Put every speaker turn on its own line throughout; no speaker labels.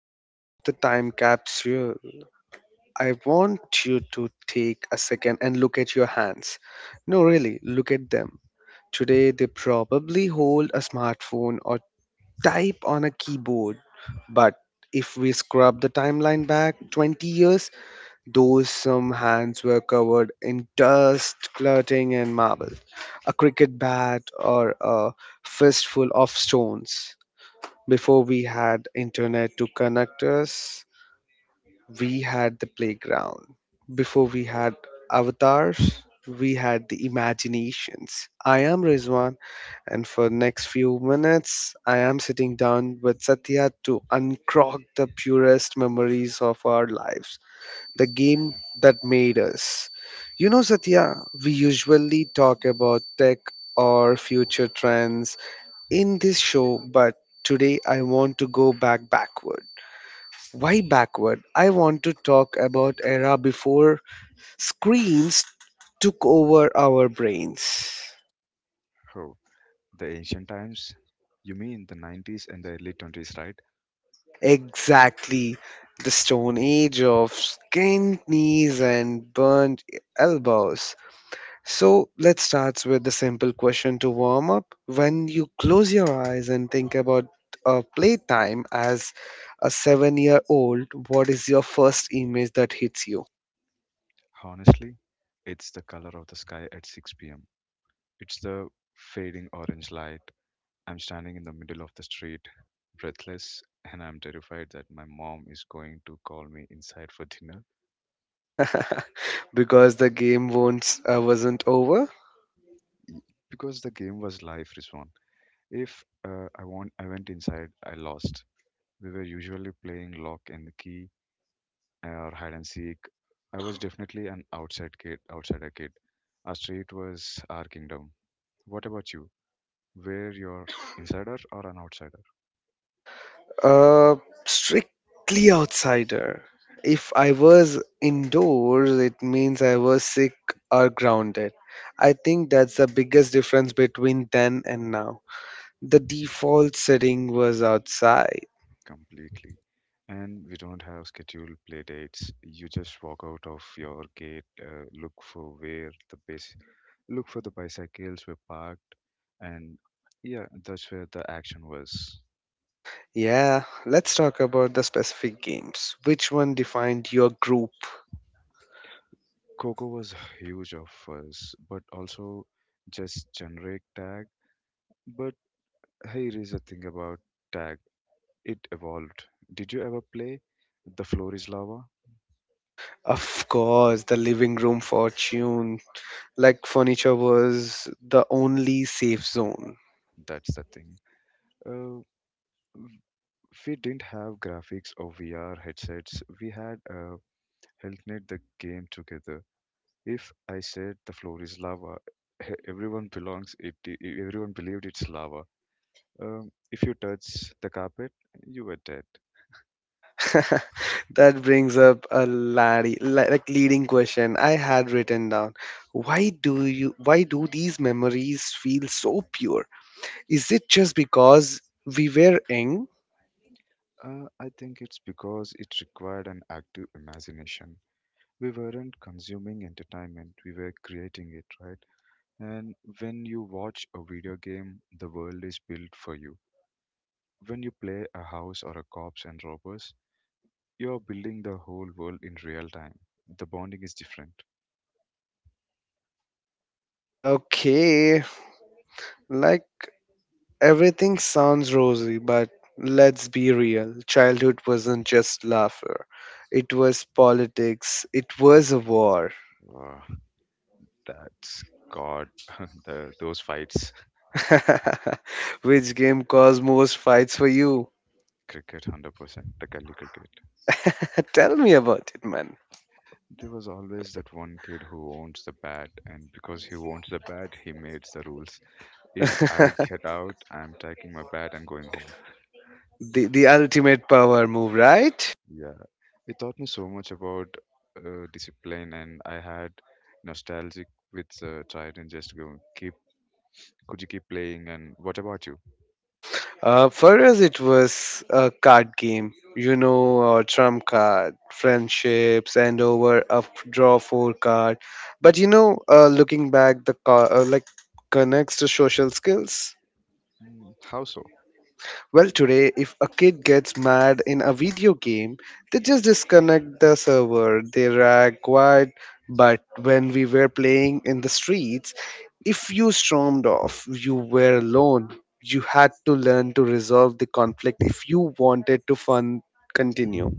episode of the Time Capsule. I want you to take a second and look at your hands. No, really, look at them. Today they probably hold a smartphone or type on a keyboard. But if we scrub the timeline back 20 years, those some hands were covered in dust, cluttering and marble, a cricket bat, or a fistful of stones. Before we had internet to connect us, we had the playground. Before we had avatars, we had the imaginations. I am Rizwan and for next few minutes I am sitting down with Satya to uncrog the purest memories of our lives, the game that made us. You know Satya, we usually talk about tech or future trends in this show, but today I want to go back backward. Why backward? I want to talk about era before screens took over our brains.
Oh, the ancient times? You mean the 90s and the early 20s, right?
Exactly. The Stone Age of skinned knees and burnt elbows. So let's start with the simple question to warm up. When you close your eyes and think about playtime as a 7-year old, what is your first image that hits you?
Honestly, it's the color of the sky at 6 pm. It's the fading orange light. I'm standing in the middle of the street, breathless, and I'm terrified that my mom is going to call me inside for dinner.
Because the game won't, wasn't over?
Y- Because the game was live, Rizwan. If I want, I went inside, I lost. We were usually playing lock and the key or hide and seek. I was definitely an outsider kid. Our street was our kingdom. What about you? Were you an insider or an outsider?
Uh, Strictly outsider. If I was indoors, it means I was sick or grounded. I think that's the biggest difference between then and now. The default setting was outside.
Completely. And we don't have scheduled play dates. You just walk out of your gate, look for the bicycles were parked, and yeah, that's where the action was.
Yeah, let's talk about the specific games. Which one defined your group?
Coco was huge of us, but also just generic tag. But here is the thing about tag. It evolved. Did you ever play The Floor is Lava?
Of course, the living room fortune. Like furniture was the only safe zone.
That's the thing. Uh, we didn't have graphics or VR headsets. We had helpnet the game together. If I said the floor is lava, everyone belongs it. Everyone believed it's lava. If you touch the carpet, you were dead.
That brings up a like leading question I had written down. Why do these memories feel so pure? Is it just because we were young?
I think it's because it required an active imagination. We weren't consuming entertainment; we were creating it, right? And when you watch a video game, the world is built for you when you play a house or a cops and robbers. You are building the whole world in real time. The bonding is different.
Okay, like everything sounds rosy, but let's be real. Childhood wasn't just laughter. It was politics. It was a war.
Uh, that's God. Those fights.
Which game caused most fights for you?
Cricket, 100%, the gully cricket.
Tell me about it, man.
There was always that one kid who owns the bat, and because he owns the bat, he makes the rules. If I get out, I'm taking my bat and going home.
The ultimate power move, right?
Yeah, it taught me so much about discipline, and I had nostalgic with tried and just go keep. Could you keep playing? And what about you?
For us, it was a card game, you know, trump card, friendships, and over a draw four card. But you know, looking back, the car like connects to social skills.
"Mm, how so?
Well, today, if a kid gets mad in a video game, they just disconnect the server. They react quiet. But when we were playing in the streets, if you stormed off, you were alone. You had to learn to resolve the conflict if you wanted to fun continue.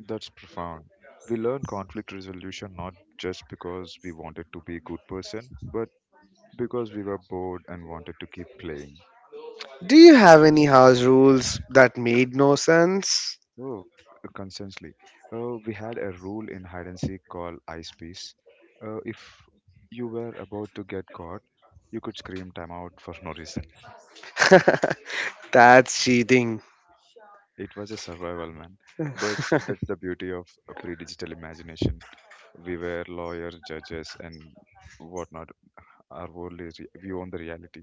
That's profound. We learn conflict resolution not just because we wanted to be a good person, but because we were bored and wanted to keep playing.
Do you have any house rules that made no sense?
Oh, constantly. We had a rule in hide and seek called ice piece. If you were about to get caught, you could scream time out for no reason.
That's cheating.
It was a survival man, but that's the beauty of a pre-digital imagination. We were lawyers, judges, and whatnot. Our world is re- We own the reality.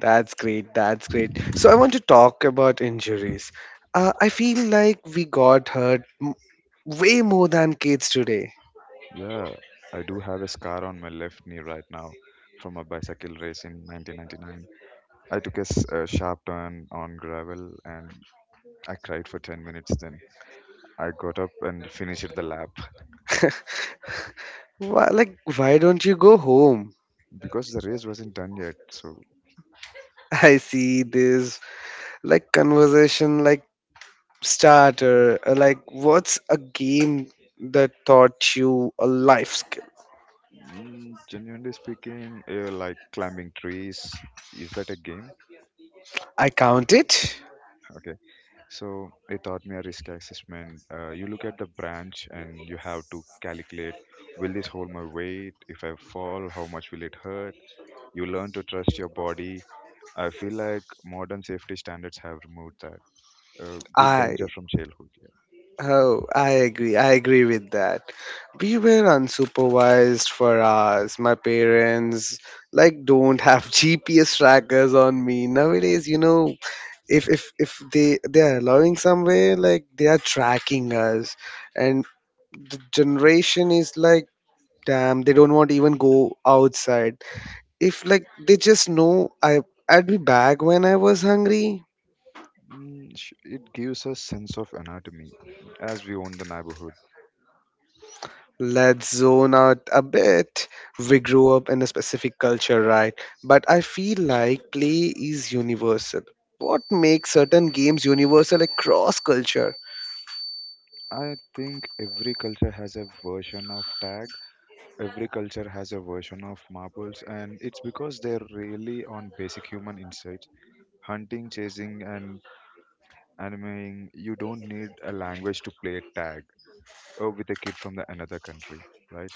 That's great. That's great. So I want to talk about injuries. I feel like we got hurt way more than kids today.
Yeah, I do have a scar on my left knee right now from a bicycle race in 1999. I took a, s- A sharp turn on gravel and I cried for 10 minutes then. I got up and finished the lap
Why, like, why don't you go home?
because the race wasn't done yet. So,
I see this like conversation like starter. Like, what's a game that taught you a life skill?
mm, genuinely speaking, like climbing trees, is that a game?
I count it.
Okay. So, it taught me a risk assessment. You look at the branch and you have to calculate will this hold my weight? If I fall, how much will it hurt? You learn to trust your body. I feel like modern safety standards have removed that. Good
I
danger from childhood.
Oh, I agree. I agree with that. We were unsupervised for hours. My parents like don't have GPS trackers on me. Nowadays, you know, if they are allowing somewhere, like they are tracking us. And the generation is like, damn, they don't want to even go outside. If like they just know I'd be back when I was hungry.
Yeah. It gives us sense of anatomy as we own the neighborhood.
Let's zone out a bit. We grew up in a specific culture, right? But I feel like play is universal. What makes certain games universal across culture?
I think every culture has a version of tag. Every culture has a version of marbles, and it's because they're really on basic human insights. Hunting, chasing, and animating. You don't need a language to play tag with a kid from the another country, right?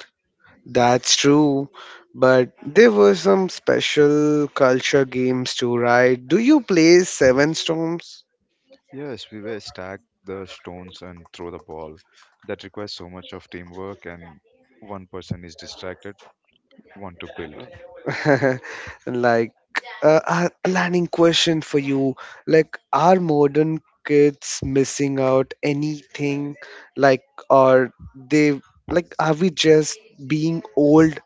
That's true. But there were some special culture games too, right? Do you play Seven Storms?
Yes, we were stack the stones and throw the ball. That requires so much of teamwork, and one person is distracted, want to build.
Like a planning question for you, like, are modern kids missing out anything, like, are they, like, are we just being old?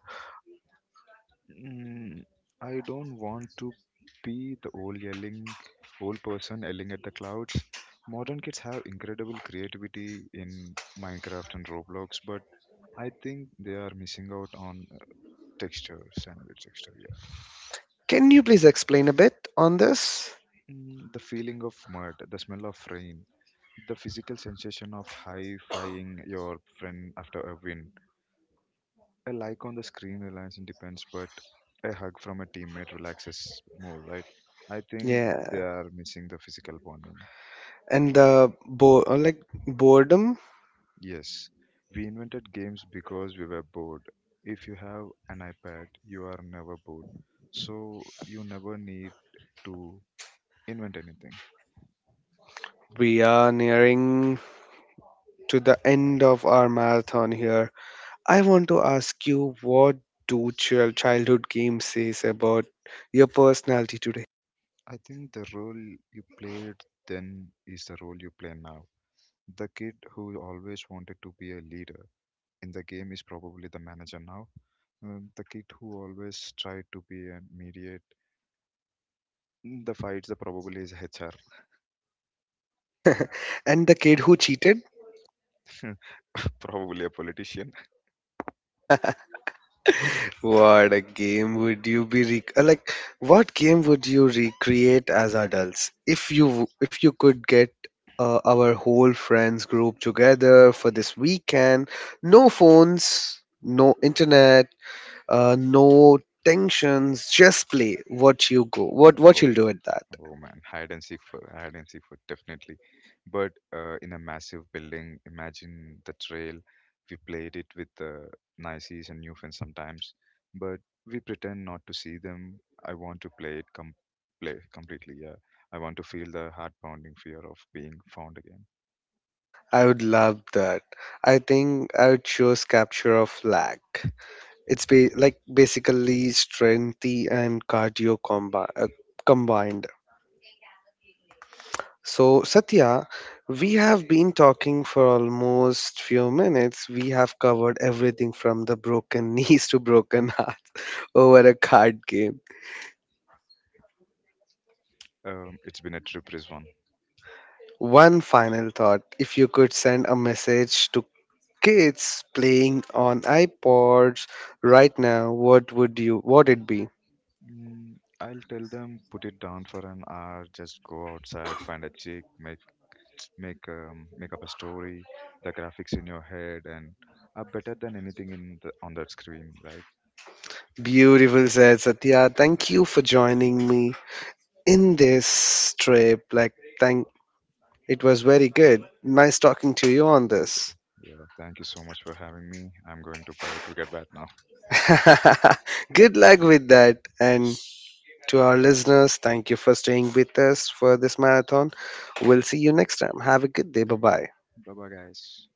Mm, I don't want to be the old person yelling at the clouds. Modern kids have incredible creativity in Minecraft and Roblox, but I think they are missing out on another texture, yeah.
Can you please explain a bit on this?
Mm, the feeling of mud, the smell of rain, the physical sensation of high fiving your friend after a win. A like on the screen relies on depends, but a hug from a teammate relaxes more, right? I think they
Yeah.
are missing the physical bonding.
And the like boredom.
Yes, we invented games because we were bored. If you have an iPad, you are never bored. So you never need to invent anything.
We are nearing to the end of our marathon here. I want to ask you, what do childhood games says about your personality today?
I think the role you played then is the role you play now. The kid who always wanted to be a leader in the game is probably the manager now. The kid who always tried to be a mediate in the fights, the probably is HR.
And the kid who cheated.
Probably a politician.
What a game would you be like, what game would you recreate as adults if you could get our whole friends group together for this weekend, no phones, no internet, no tensions, just play, what you go, what you'll
Oh,
do at that?
oh man, hide and seek for definitely. But in a massive building, imagine the trail. We played it with the Nices and Newfins sometimes, but we pretend not to see them. I want to play it com- Play completely. Yeah, I want to feel the heart pounding fear of being found again.
I would love that. I think I would choose capture of flag. It's like basically strength and combined. So, Satya, we have been talking for almost few minutes. We have covered everything from the broken knees to broken hearts over a card game.
It's been a trip, Rizwan.
One final thought. If you could send a message to kids playing on iPods right now, what would you what it be?
Mm, I'll tell them put it down for an hour, just go outside, find a chick, make make up a story, the graphics in your head, and are better than anything in the, on that screen, right?
Beautiful said Satya. Thank you for joining me in this trip. Like, thank it was very good. Nice talking to you on
Uh,
this.
Yeah. Thank you so much for having me. I'm going to buy a cricket bat now.
Good luck with that. And to our listeners, thank you for staying with us for this marathon. We'll see you next time. Have a good day. Bye bye.
Bye bye, guys.